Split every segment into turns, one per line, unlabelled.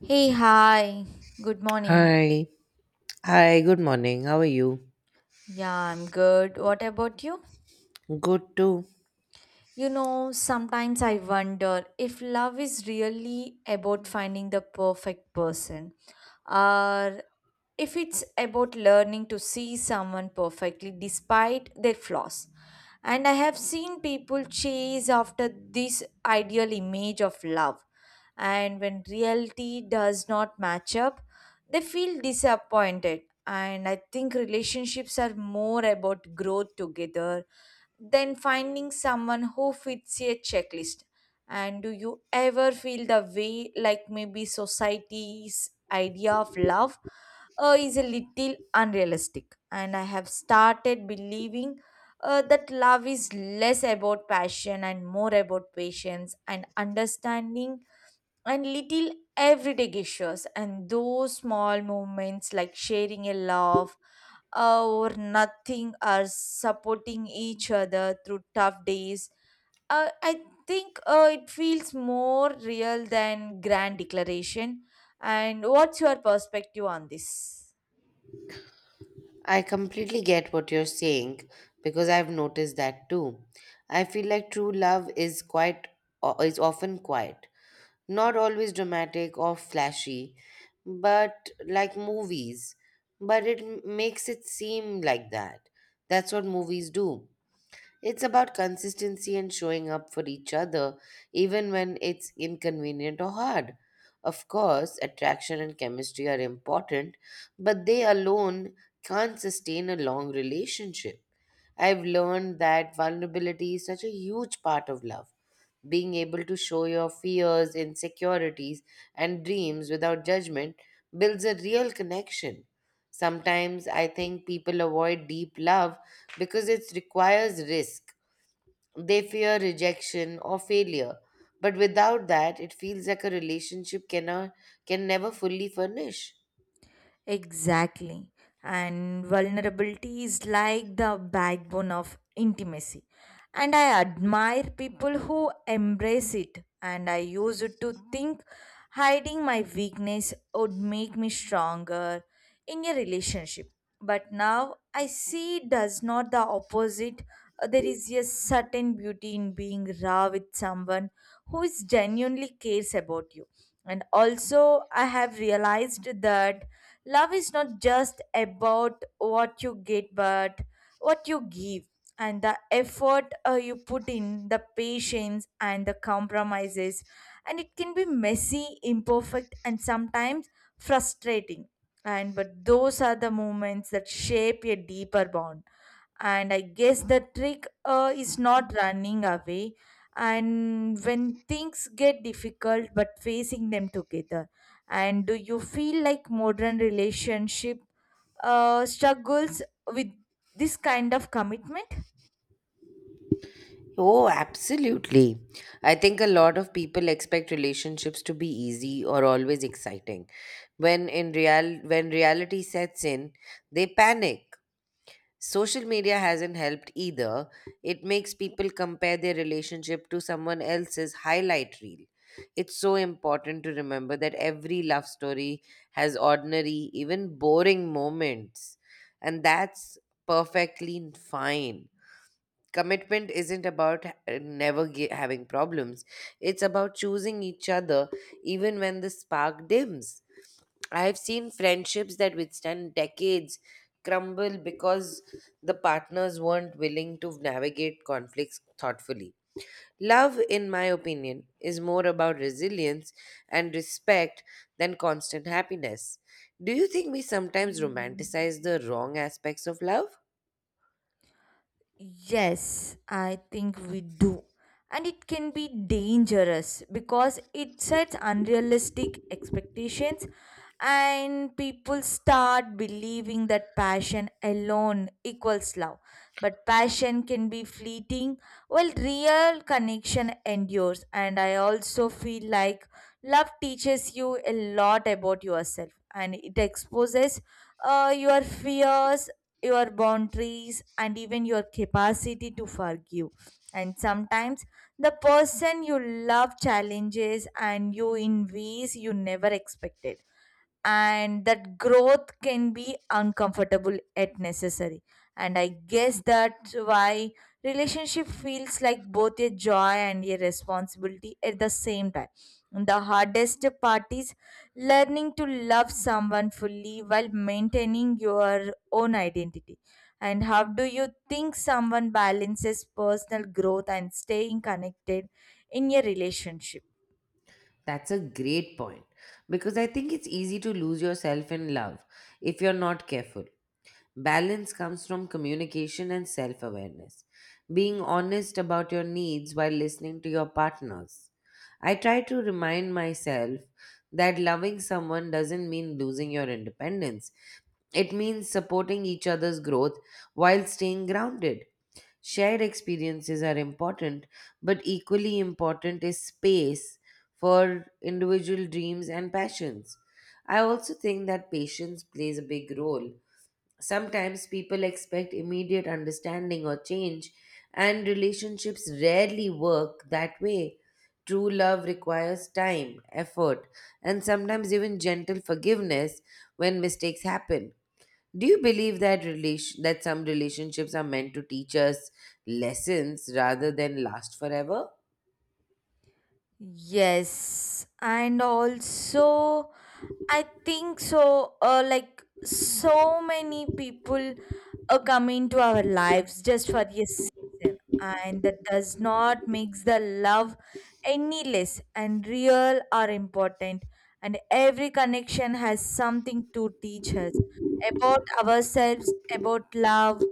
Hey, hi. Good morning.
Hi. Hi, good morning. How are you?
Yeah, I'm good. What about you?
Good too.
You know, sometimes I wonder if love is really about finding the perfect person or if it's about learning to see someone perfectly despite their flaws. And I have seen people chase after this ideal image of love, and when reality does not match up, they feel disappointed. And I think relationships are more about growth together then finding someone who fits a checklist. And do you ever feel the way like maybe society's idea of love is a little unrealistic? And I have started believing that love is less about passion and more about patience and understanding and little everyday gestures and those small moments like sharing a laugh or nothing are supporting each other through tough days. I think it feels more real than grand declaration. And what's your perspective on this?
I completely get what you're saying because I've noticed that too. I feel like true love is quite is often quiet, not always dramatic or flashy, but like movies. But it makes it seem like that. That's what movies do. It's about consistency and showing up for each other, even when it's inconvenient or hard. Of course, attraction and chemistry are important, but they alone can't sustain a long relationship. I've learned that vulnerability is such a huge part of love. Being able to show your fears, insecurities, and dreams without judgment builds a real connection. Sometimes I think people avoid deep love because it requires risk they fear rejection or failure. But without that, it feels like a relationship can never fully furnish.
Exactly. And vulnerability is like the backbone of intimacy. And I admire people who embrace it. And I used to think hiding my weakness would make me stronger in a relationship. But now I see it does not the opposite. There is a certain beauty in being raw with someone who is genuinely cares about you. And also, I have realized that love is not just about what you get, but what you give and the effort you put in, the patience and the compromises. And it can be messy, imperfect, and sometimes frustrating. And but those are the moments that shape a deeper bond, and I guess the trick is not running away and when things get difficult but facing them together. And do you feel like modern relationship struggles with this kind of commitment?
Oh, absolutely. I think a lot of people expect relationships to be easy or always exciting. When reality sets in, they panic. Social media hasn't helped either. It makes people compare their relationship to someone else's highlight reel. It's so important to remember that every love story has ordinary, even boring moments, and that's perfectly fine. Commitment isn't about never ge- having problems. It's about choosing each other even when the spark dims. I have seen friendships that withstand decades crumble because the partners weren't willing to navigate conflicts thoughtfully. Love, in my opinion, is more about resilience and respect than constant happiness. Do you think we sometimes romanticize the wrong aspects of love?
Yes, I think we do, and it can be dangerous because it sets unrealistic expectations and people start believing that passion alone equals love. But passion can be fleeting while real connection endures. And I also feel like love teaches you a lot about yourself and it exposes your fears, your boundaries, and even your capacity to forgive. And sometimes the person you love challenges and you in ways you never expected, and that growth can be uncomfortable at necessary. And I guess that's why relationship feels like both a joy and a responsibility at the same time. The hardest part is learning to love someone fully while maintaining your own identity. And how do you think someone balances personal growth and staying connected in a relationship?
That's a great point because I think it's easy to lose yourself in love if you're not careful. Balance comes from communication and self awareness, being honest about your needs while listening to your partners. I try to remind myself that loving someone doesn't mean losing your independence, it means supporting each other's growth while staying grounded. Shared experiences are important, but equally important is space for individual dreams and passions. I also think that patience plays a big role. Sometimes people expect immediate understanding or change, and relationships rarely work that way. True love requires time, effort, and sometimes even gentle forgiveness when mistakes happen. Do you believe that some relationships are meant to teach us lessons rather than last forever?
Yes, and also I think so. Like so many people come into our lives just for a season, and that does not makes the love any less and real or important. And every connection has something to teach us about ourselves, about love,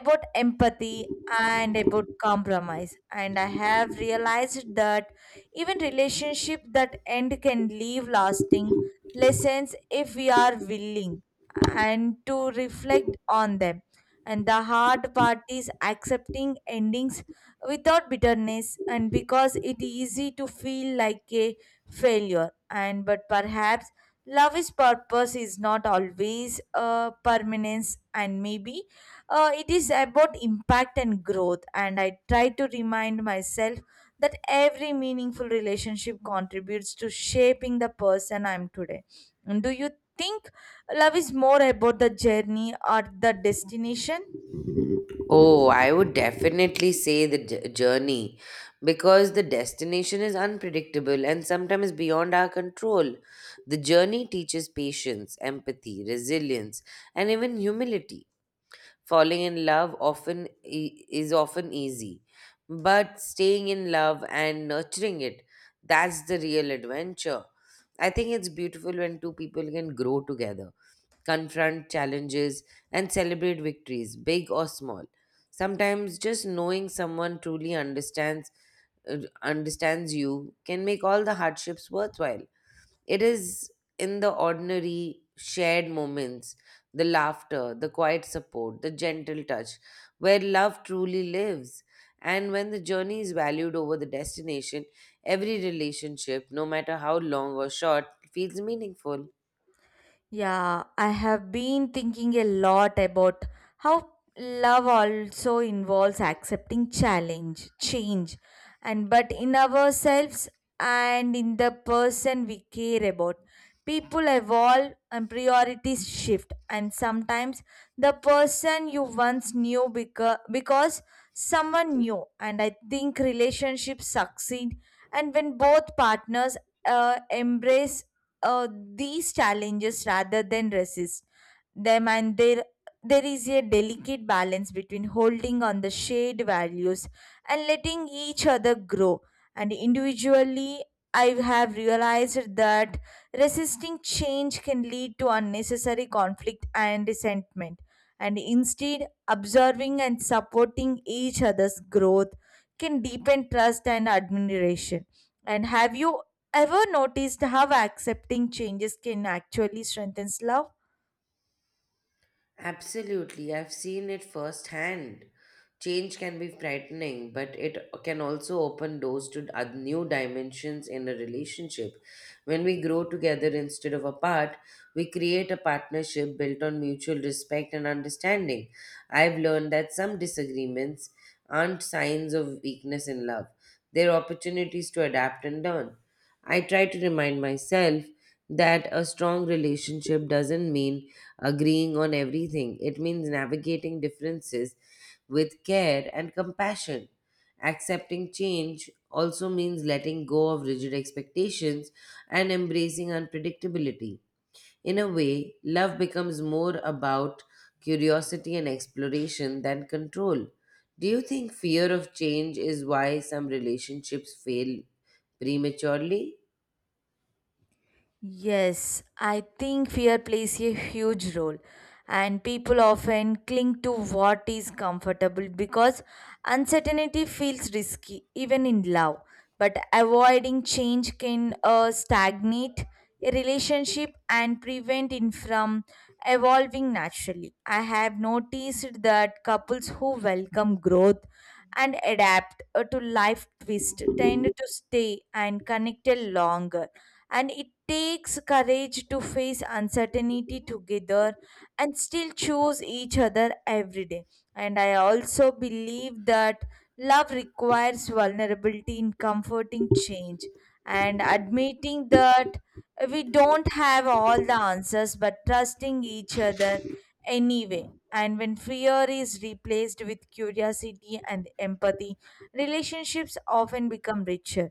about empathy, and about compromise. And I have realized that even relationship that end can leave lasting lessons if we are willing and to reflect on them. And the hard part is accepting endings without bitterness and because it is easy to feel like a failure and but perhaps love is purpose is not always permanence. And maybe it is about impact and growth, and I try to remind myself that every meaningful relationship contributes to shaping the person I'm today. And do you think love is more about the journey or the destination?
Oh, I would definitely say the journey because the destination is unpredictable and sometimes beyond our control. The journey teaches patience, empathy, resilience, and even humility. Falling in love is often easy, but staying in love and nurturing it, that's the real adventure. I think it's beautiful when two people can grow together, confront challenges, and celebrate victories, big or small. Sometimes just knowing someone truly uh, understands you can make all the hardships worthwhile. It is in the ordinary shared moments, the laughter, the quiet support, the gentle touch, where love truly lives. And when the journey is valued over the destination, every relationship, no matter how long or short, feels meaningful.
Yeah, I have been thinking a lot about how love also involves accepting challenge, change, and but in ourselves and in the person we care about. People evolve and priorities shift, and sometimes the person you once knew because someone new. And I think relationships succeed and when both partners embrace these challenges rather than resist them. And there is a delicate balance between holding on the shared values and letting each other grow and individually. I have realized that resisting change can lead to unnecessary conflict and resentment, and instead observing and supporting each other's growth can deepen trust and admiration. And have you ever noticed how accepting changes can actually strengthen love?
Absolutely, I've seen it firsthand. Change can be frightening, but it can also open doors to new dimensions in a relationship. When we grow together instead of apart, we create a partnership built on mutual respect and understanding. I've learned that some disagreements aren't signs of weakness in love, they're opportunities to adapt and learn. I try to remind myself that a strong relationship doesn't mean agreeing on everything. It means navigating differences with care and compassion. Accepting change also means letting go of rigid expectations and embracing unpredictability. In a way, love becomes more about curiosity and exploration than control. Do you think fear of change is why some relationships fail prematurely?
Yes, I think fear plays a huge role, and people often cling to what is comfortable because uncertainty feels risky, even in love. But avoiding change can stagnate a relationship and prevent it from evolving naturally. I have noticed that couples who welcome growth and adapt to life twist tend to stay and connect longer. And it takes courage to face uncertainty together and still choose each other every day. And I also believe that love requires vulnerability in comforting change and admitting that we don't have all the answers but trusting each other anyway. And when fear is replaced with curiosity and empathy, relationships often become richer.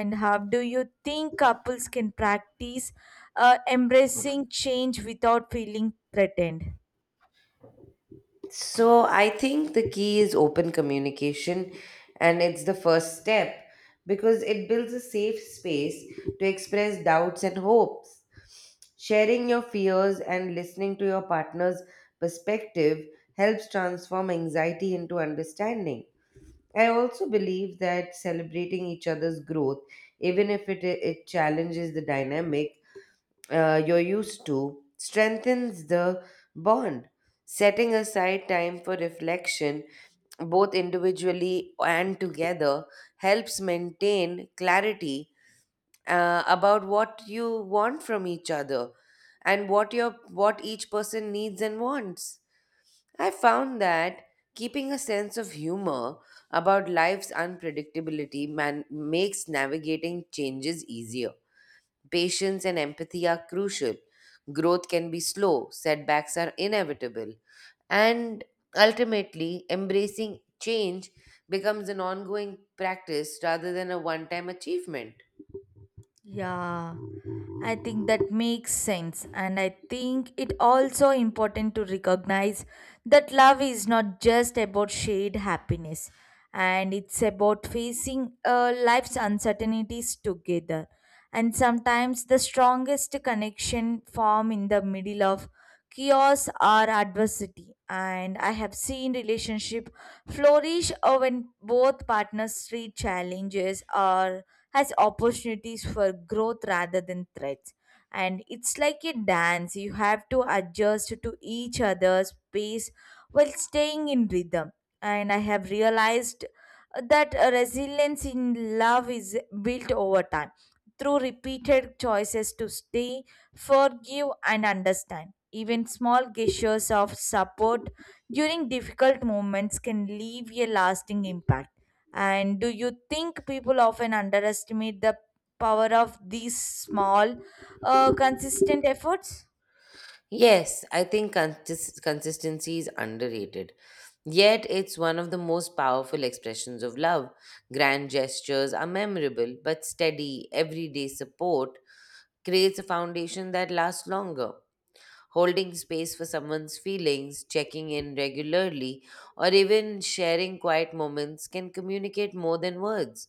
And how do you think couples can practice embracing change without feeling threatened?
So I think the key is open communication, and it's the first step because it builds a safe space to express doubts and hopes. Sharing your fears and listening to your partner's perspective helps transform anxiety into understanding. I also believe that celebrating each other's growth, even if it challenges the dynamic you're used to, strengthens the bond. Setting aside time for reflection, both individually and together, helps maintain clarity about what you want from each other and what each person needs and wants. I found that keeping a sense of humor about life's unpredictability makes navigating changes easier. Patience and empathy are crucial. Growth can be slow, setbacks are inevitable, and ultimately, embracing change becomes an ongoing practice rather than a one time achievement.
Yeah, I think that makes sense. And I think it also important to recognize that love is not just about shared happiness, and it's about facing life's uncertainties together. And sometimes the strongest connection form in the middle of chaos or adversity. And I have seen relationship flourish when both partners treat challenges or as opportunities for growth rather than threats. And it's like a dance, you have to adjust to each other's pace while staying in rhythm. And I have realized that resilience in love is built over time through repeated choices to stay, forgive, and understand. Even small gestures of support during difficult moments can leave a lasting impact. And do you think people often underestimate the power of these small, consistent efforts?
Yes, I think consistency is underrated. Yet it's one of the most powerful expressions of love. Grand gestures are memorable, but steady, everyday support creates a foundation that lasts longer. Holding space for someone's feelings, checking in regularly, or even sharing quiet moments can communicate more than words.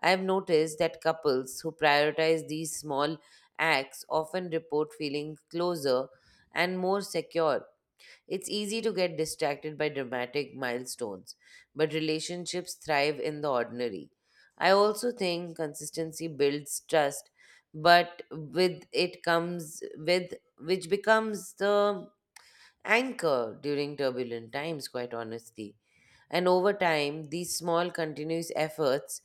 I have noticed that couples who prioritize these small acts often report feeling closer and more secure. It's easy to get distracted by dramatic milestones, but relationships thrive in the ordinary. I also think consistency builds trust, but with it comes with which becomes the anchor during turbulent times, quite honestly. And over time, these small continuous efforts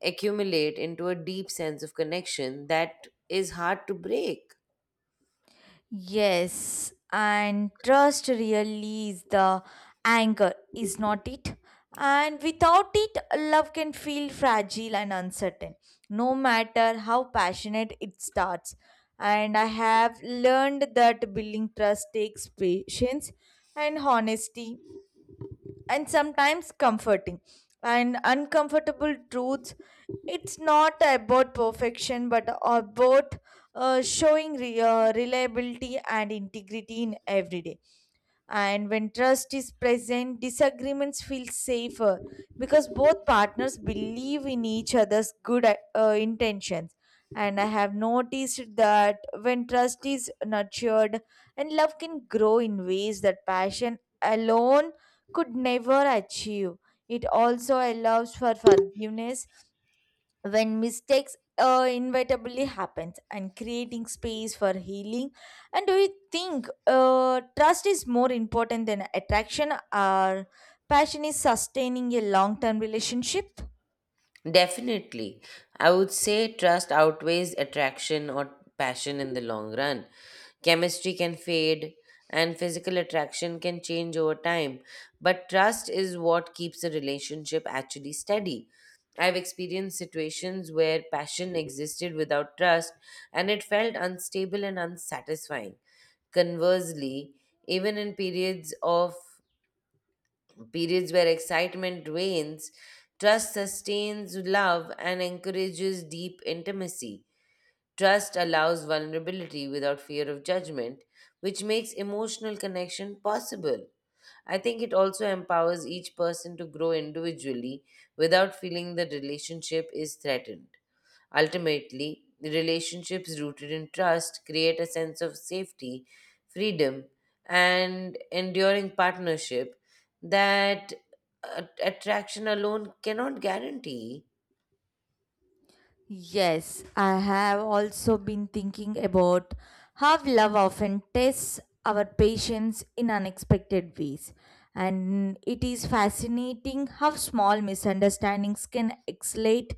accumulate into a deep sense of connection that is hard to break.
Yes, and trust really is the anchor, is not it? And without it, love can feel fragile and uncertain, no matter how passionate it starts. And I have learned that building trust takes patience and honesty and sometimes comforting and uncomfortable truths. It's not about perfection but about showing reliability and integrity in every day. And when trust is present, disagreements feel safer because both partners believe in each other's good intentions. And I have noticed that when trust is nurtured, and love can grow in ways that passion alone could never achieve. It also allows for forgiveness when mistakes inevitably happens and creating space for healing. And do you think trust is more important than attraction or passion is sustaining a long-term relationship?
Definitely. I would say trust outweighs attraction or passion in the long run. Chemistry can fade and physical attraction can change over time, but trust is what keeps a relationship actually steady. I've experienced situations where passion existed without trust and it felt unstable and unsatisfying. Conversely, even in periods of periods where excitement wanes, trust sustains love and encourages deep intimacy. Trust allows vulnerability without fear of judgment, which makes emotional connection possible. I think it also empowers each person to grow individually without feeling the relationship is threatened. Ultimately, relationships rooted in trust create a sense of safety, freedom, and enduring partnership that attraction alone cannot guarantee.
Yes, I have also been thinking about how love often tests our patience in unexpected ways. And it is fascinating how small misunderstandings can escalate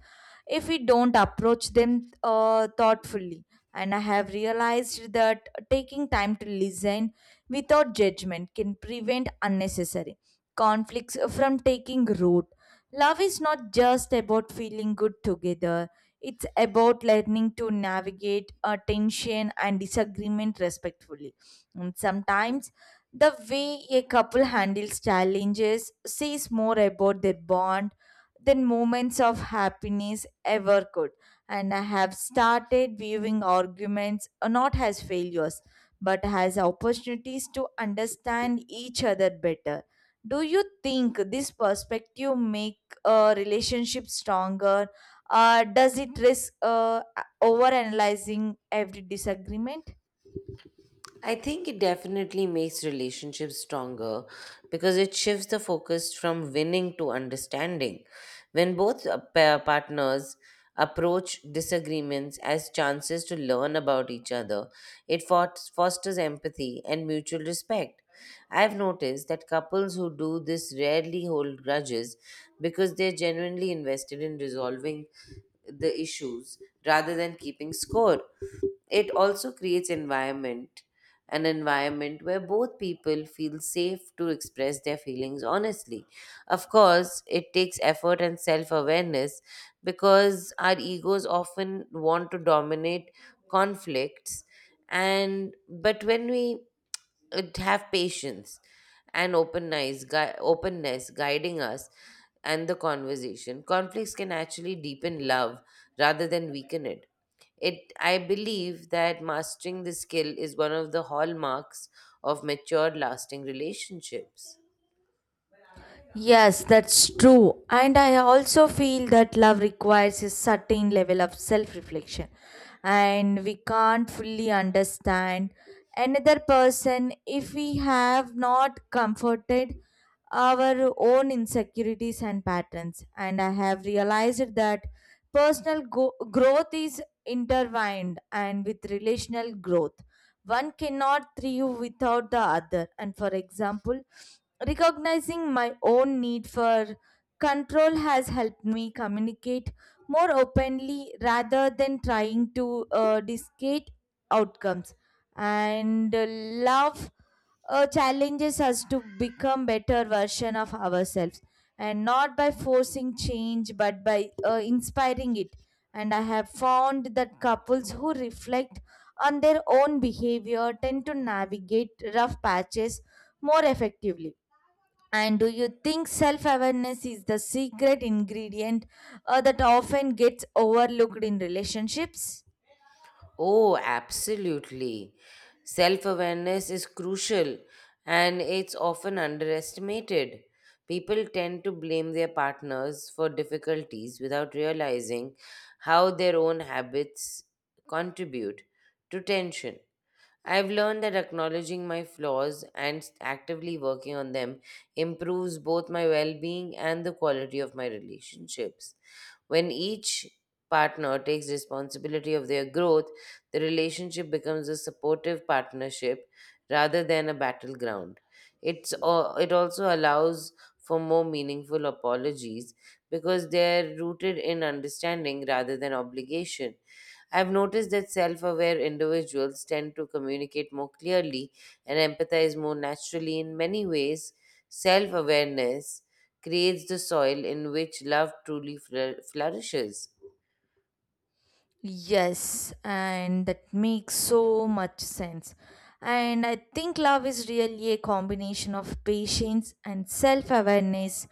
if we don't approach them thoughtfully. And I have realized that taking time to listen without judgment can prevent unnecessary conflicts from taking root. Love is not just about feeling good together, it's about learning to navigate tension and disagreement respectfully. And sometimes the way a couple handles challenges says more about their bond than moments of happiness ever could. And I have started viewing arguments not as failures but as opportunities to understand each other better. Do you think this perspective make a relationship stronger does it risk overanalyzing every disagreement?
I think it definitely makes relationships stronger because it shifts the focus from winning to understanding. When both partners approach disagreements as chances to learn about each other, it fosters empathy and mutual respect. I've noticed that couples who do this rarely hold grudges because they're genuinely invested in resolving the issues rather than keeping score. It also creates environment an environment where both people feel safe to express their feelings honestly. Of course, it takes effort and self awareness because our egos often want to dominate conflicts, and but when we it have patience and openness guiding us and the conversation, conflicts can actually deepen love rather than weaken it. I believe that mastering this skill is one of the hallmarks of mature lasting relationships.
Yes, that's true. And I also feel that love requires a certain level of self reflection, and we can't fully understand another person if we have not comforted our own insecurities and patterns. And I have realized that growth is intertwined and with relational growth. One cannot thrive without the other. And for example, recognizing my own need for control has helped me communicate more openly rather than trying to dictate outcomes. And love challenges us to become better version of ourselves, and not by forcing change but by inspiring it. And I have found that couples who reflect on their own behavior tend to navigate rough patches more effectively. And do you think self awareness is the secret ingredient that often gets overlooked in relationships?
Oh, absolutely. Self awareness is crucial and it's often underestimated. People tend to blame their partners for difficulties without realizing how their own habits contribute to tension. I've learned that acknowledging my flaws and actively working on them improves both my well being and the quality of my relationships. When each partner takes responsibility of their growth, the relationship becomes a supportive partnership rather than a battleground. It also allows for more meaningful apologies because they're rooted in understanding rather than obligation. I've noticed that self aware individuals tend to communicate more clearly and empathize more naturally. In many ways, self awareness creates the soil in which love truly flourishes.
Yes, and that makes so much sense. And I think love is really a combination of patience and self awareness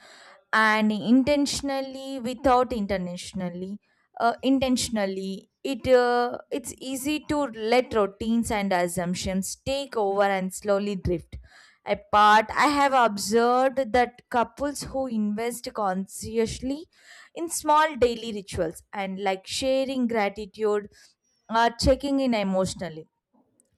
and intentionally without intentionally intentionally. It it's easy to let routines and assumptions take over and slowly drift apart. I have observed that couples who invest consciously in small daily rituals and like sharing gratitude are checking in emotionally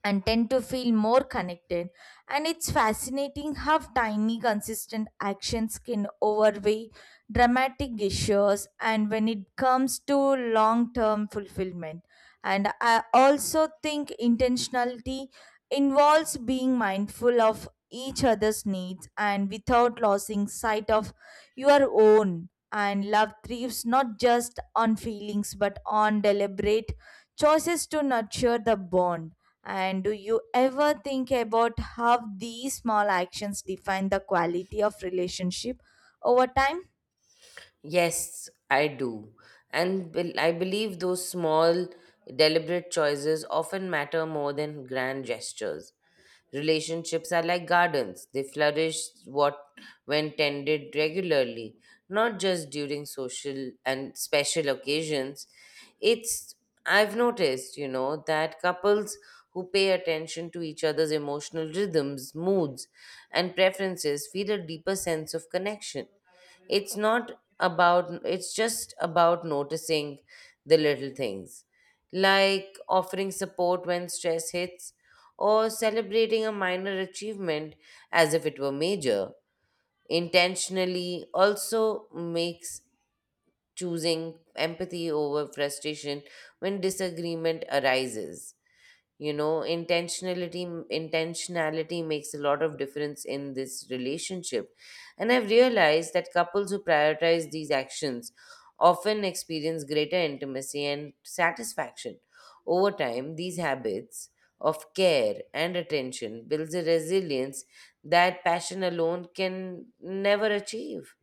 and tend to feel more connected. And it's fascinating how tiny, consistent actions can overweigh dramatic gestures and when it comes to long term fulfillment. And I also think intentionality involves being mindful of each other's needs and without losing sight of your own. And love thrives not just on feelings but on deliberate choices to nurture the bond. And do you ever think about how these small actions define the quality of relationship over time?
Yes, I do. And I believe those small, deliberate choices often matter more than grand gestures. Relationships are like gardens. They flourish what when tended regularly, not just during social and special occasions. It's I've noticed, you know, that couples who pay attention to each other's emotional rhythms, moods, and preferences feel a deeper sense of connection. It's not about, it's just about noticing the little things, like offering support when stress hits or celebrating a minor achievement as if it were major. Intentionally also makes choosing empathy over frustration when disagreement arises. You know intentionality intentionality makes a lot of difference in this relationship, and I've realized that couples who prioritize these actions often experience greater intimacy and satisfaction. Over time, these habits of care and attention builds a resilience that passion alone can never achieve.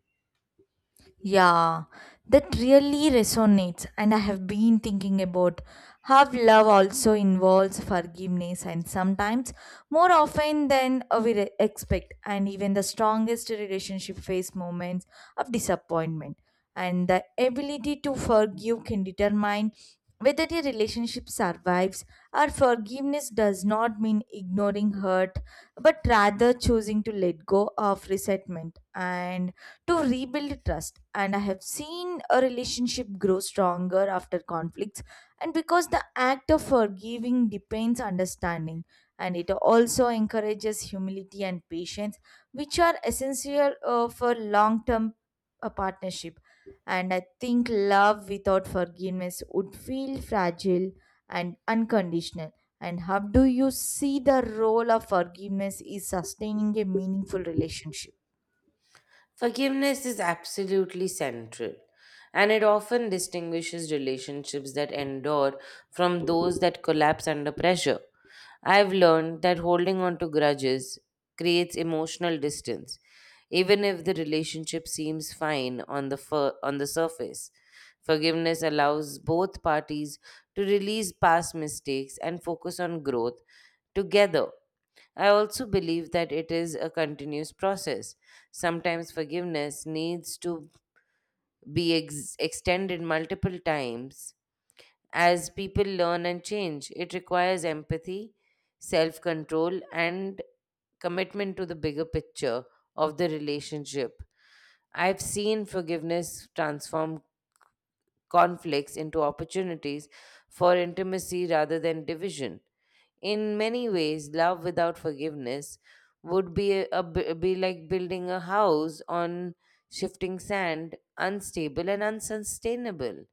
Yeah, that really resonates, and I have been thinking about how love also involves forgiveness, and sometimes more often than expect. And even the strongest relationship face moments of disappointment, and the ability to forgive can determine whether a relationship survives. Our forgiveness does not mean ignoring hurt, but rather choosing to let go of resentment and to rebuild trust. And I have seen a relationship grow stronger after conflicts, and because the act of forgiving depends understanding. And it also encourages humility and patience, which are essential for long term partnership. And I think love without forgiveness would feel fragile and unconditional. And how do you see the role of forgiveness is sustaining a meaningful relationship?
Forgiveness is absolutely central, and it often distinguishes relationships that endure from those that collapse under pressure. I've learned that holding on to grudges creates emotional distance, even if the relationship seems fine on the surface. Forgiveness allows both parties to release past mistakes and focus on growth together. I also believe that it is a continuous process. Sometimes forgiveness needs to be extended multiple times. As people learn and change, it requires empathy, self control, and commitment to the bigger picture of the relationship. I've seen forgiveness transform conflicts into opportunities for intimacy rather than division. In many ways, love without forgiveness would be be like building a house on shifting sand, unstable and unsustainable.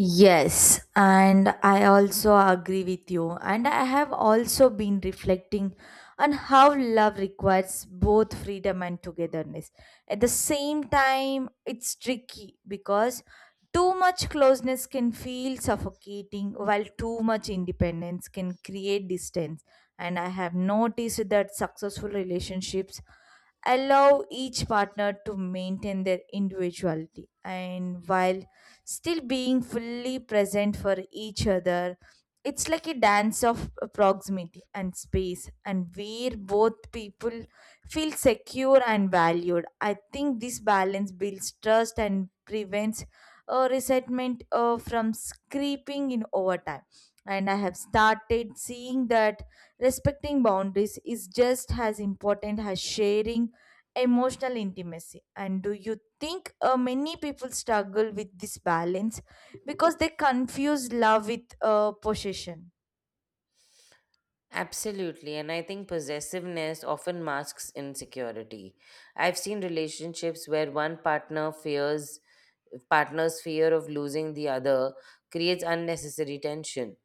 Yes, and I also agree with you. And I have also been reflecting on how love requires both freedom and togetherness. At the same time, it's tricky because too much closeness can feel suffocating, while too much independence can create distance. And I have noticed that successful relationships allow each partner to maintain their individuality. And while still being fully present for each other. It's like a dance of proximity and space, and where both people feel secure and valued. I think this balance builds trust and prevents resentment from creeping in over time. And I have started seeing that respecting boundaries is just as important as sharing emotional intimacy. And do you think many people struggle with this balance because they confuse love with possession?
Absolutely, and I think possessiveness often masks insecurity. I've seen relationships where one partner fears partner's fear of losing the other creates unnecessary tension.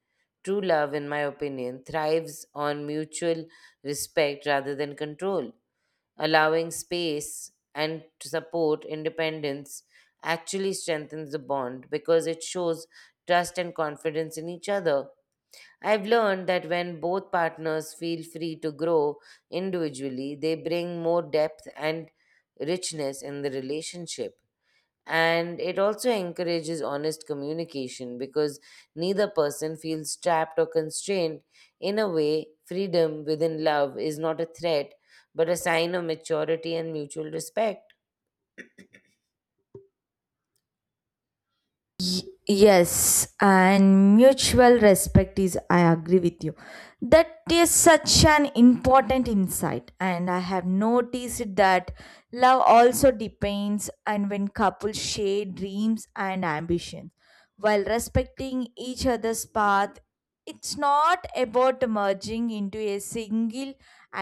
True love, in my opinion, thrives on mutual respect rather than control. Allowing space and to support independence actually strengthens the bond because it shows trust and confidence in each other. I've learned that when both partners feel free to grow individually, they bring more depth and richness in the relationship, and it also encourages honest communication because neither person feels trapped or constrained. In a way, freedom within love is not a threat but a sign of maturity and mutual respect.
Yes and mutual respect is, I agree with you, that is such an important insight. And I have noticed that love also depends, and when couples share dreams and ambitions while respecting each other's path, it's not about merging into a single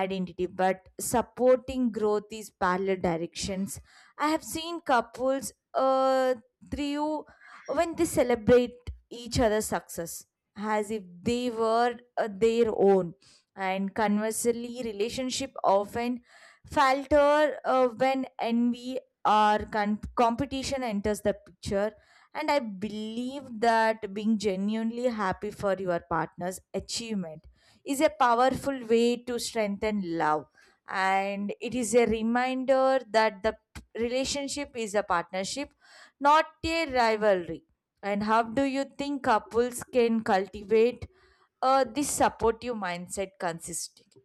identity but supporting growth is parallel directions. I have seen couples through when they celebrate each other's success as if they were their own. And conversely relationship often falter when envy or competition enters the picture. And I believe that being genuinely happy for your partner's achievement is a powerful way to strengthen love, and it is a reminder that the relationship is a partnership, not a rivalry. And how do you think couples can cultivate this supportive mindset consistently?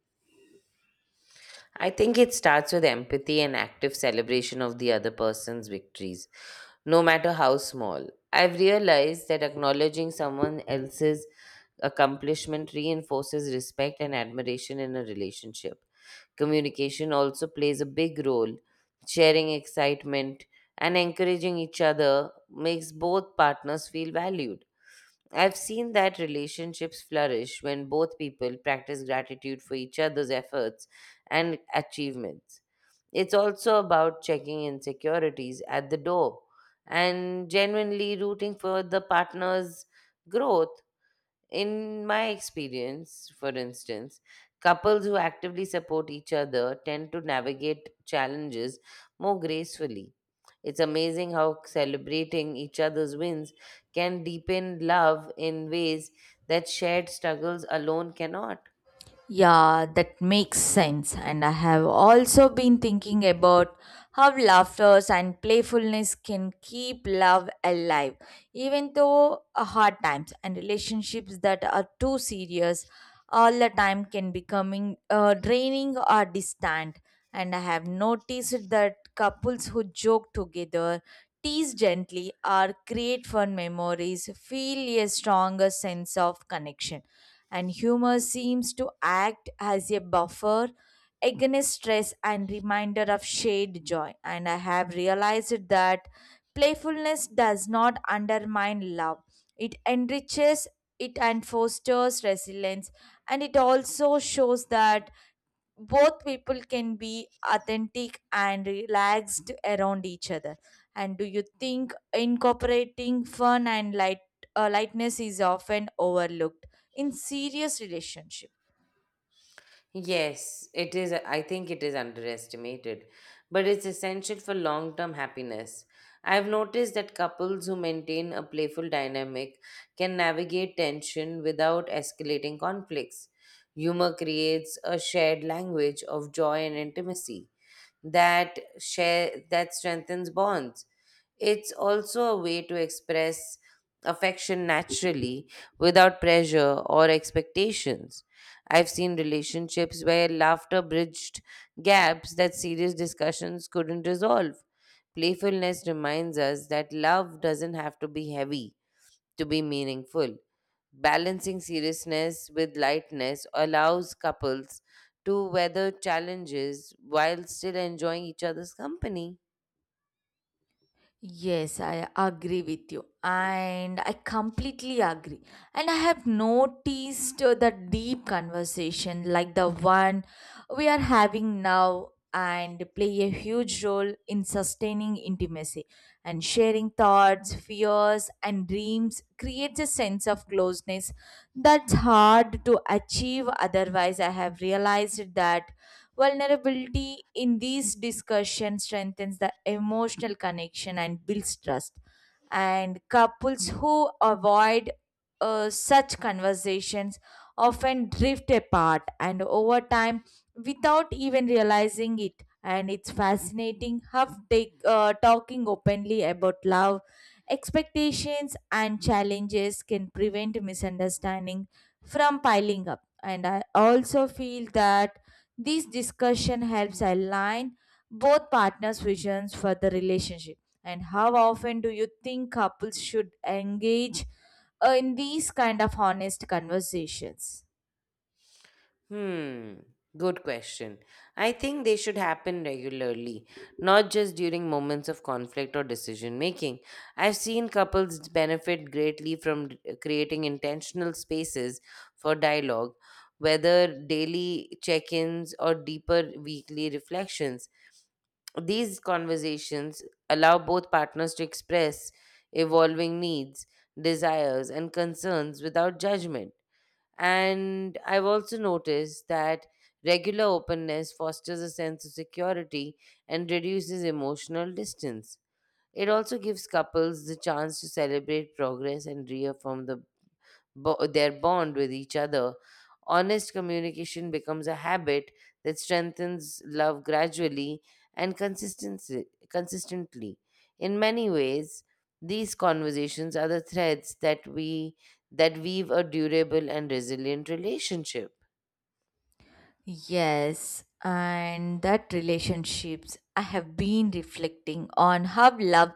I think it starts with empathy and active celebration of the other person's victories, no matter how small. I've realized that acknowledging someone else's accomplishment reinforces respect and admiration in a relationship. Communication also plays a big role. Sharing excitement and encouraging each other makes both partners feel valued. I've seen that relationships flourish when both people practice gratitude for each other's efforts and achievements. It's also about checking insecurities at the door and genuinely rooting for the partner's growth. In my experience, for instance, couples who actively support each other tend to navigate challenges more gracefully. It's amazing how celebrating each other's wins can deepen love in ways that shared struggles alone cannot.
Yeah, that makes sense. And I have also been thinking about how laughter and playfulness can keep love alive, even though hard times and relationships that are too serious all the time can becoming draining or distant. And I have noticed that couples who joke together, tease gently, or create fun memories feel a stronger sense of connection, and humor seems to act as a buffer against stress and reminder of shared joy. And I have realized that playfulness does not undermine love, it enriches it and fosters resilience, and it also shows that both people can be authentic and relaxed around each other. And do you think incorporating fun and light lightness is often overlooked in serious relationships?
Yes, it is. I think it is underestimated, but it's essential for long term happiness. I've noticed that couples who maintain a playful dynamic can navigate tension without escalating conflicts. Humor creates a shared language of joy and intimacy that strengthens bonds. It's also a way to express affection naturally without pressure or expectations. I've seen relationships where laughter bridged gaps that serious discussions couldn't resolve. Playfulness reminds us that love doesn't have to be heavy to be meaningful. Balancing seriousness with lightness allows couples to weather challenges while still enjoying each other's company.
Yes, I agree with you, and I completely agree. And I have noticed the deep conversation like the one we are having now and play a huge role in sustaining intimacy, and sharing thoughts, fears, and dreams creates a sense of closeness that's hard to achieve otherwise. I have realized that vulnerability in these discussions strengthens the emotional connection and builds trust. And couples who avoid such conversations often drift apart and over time without even realizing it. And it's fascinating how talking openly about love, expectations, and challenges can prevent misunderstanding from piling up. And I also feel that this discussion helps align both partners' visions for the relationship. And how often do you think couples should engage in these kind of honest conversations?
Hmm, good question. I think they should happen regularly, not just during moments of conflict or decision making. I've seen couples benefit greatly from creating intentional spaces for dialogue, whether daily check ins or deeper weekly reflections. These conversations allow both partners to express evolving needs, desires, and concerns without judgment. And I've also noticed that regular openness fosters a sense of security and reduces emotional distance. It also gives couples the chance to celebrate progress and reaffirm their bond with each other. Honest communication becomes a habit that strengthens love gradually and consistently. In many ways, these conversations are the threads that weave a durable and resilient relationship.
Yes, and that relationships, I have been reflecting on how love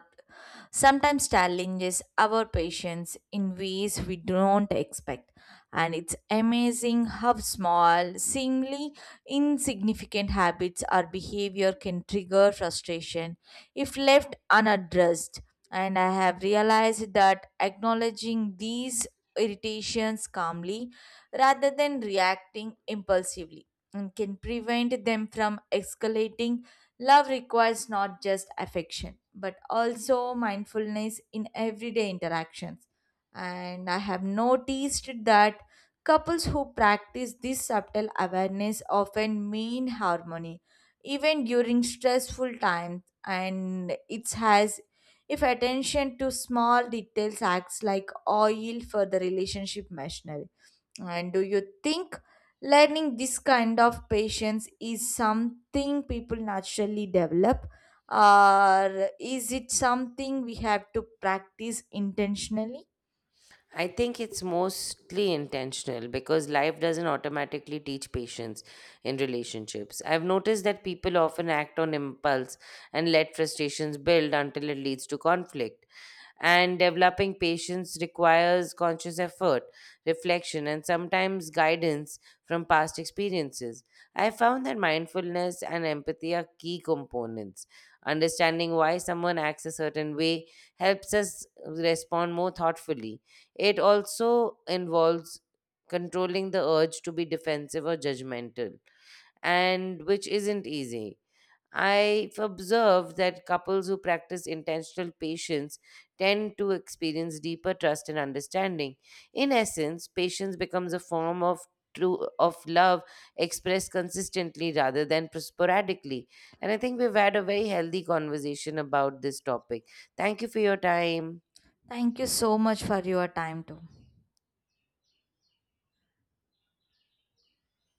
sometimes challenges our patience in ways we don't expect. And it's amazing how small, seemingly insignificant habits or behavior can trigger frustration if left unaddressed. And I have realized that acknowledging these irritations calmly rather than reacting impulsively and can prevent them from escalating. Love requires not just affection, but also mindfulness in everyday interactions. And I have noticed that couples who practice this subtle awareness often mean harmony, even during stressful times. And it has, if attention to small details acts like oil for the relationship machinery. And do you think learning this kind of patience is something people naturally develop, or is it something we have to practice intentionally?
I think it's mostly intentional because life doesn't automatically teach patience in relationships. I've noticed that people often act on impulse and let frustrations build until it leads to conflict. And developing patience requires conscious effort, reflection, and sometimes guidance from past experiences. I found that mindfulness and empathy are key components. Understanding why someone acts a certain way helps us respond more thoughtfully. It also involves controlling the urge to be defensive or judgmental, and which isn't easy. I've observed that couples who practice intentional patience tend to experience deeper trust and understanding. In essence, patience becomes a form of true of love expressed consistently rather than sporadically. And I think we've had a very healthy conversation about this topic. Thank you for your time.
Thank you so much for your time, too.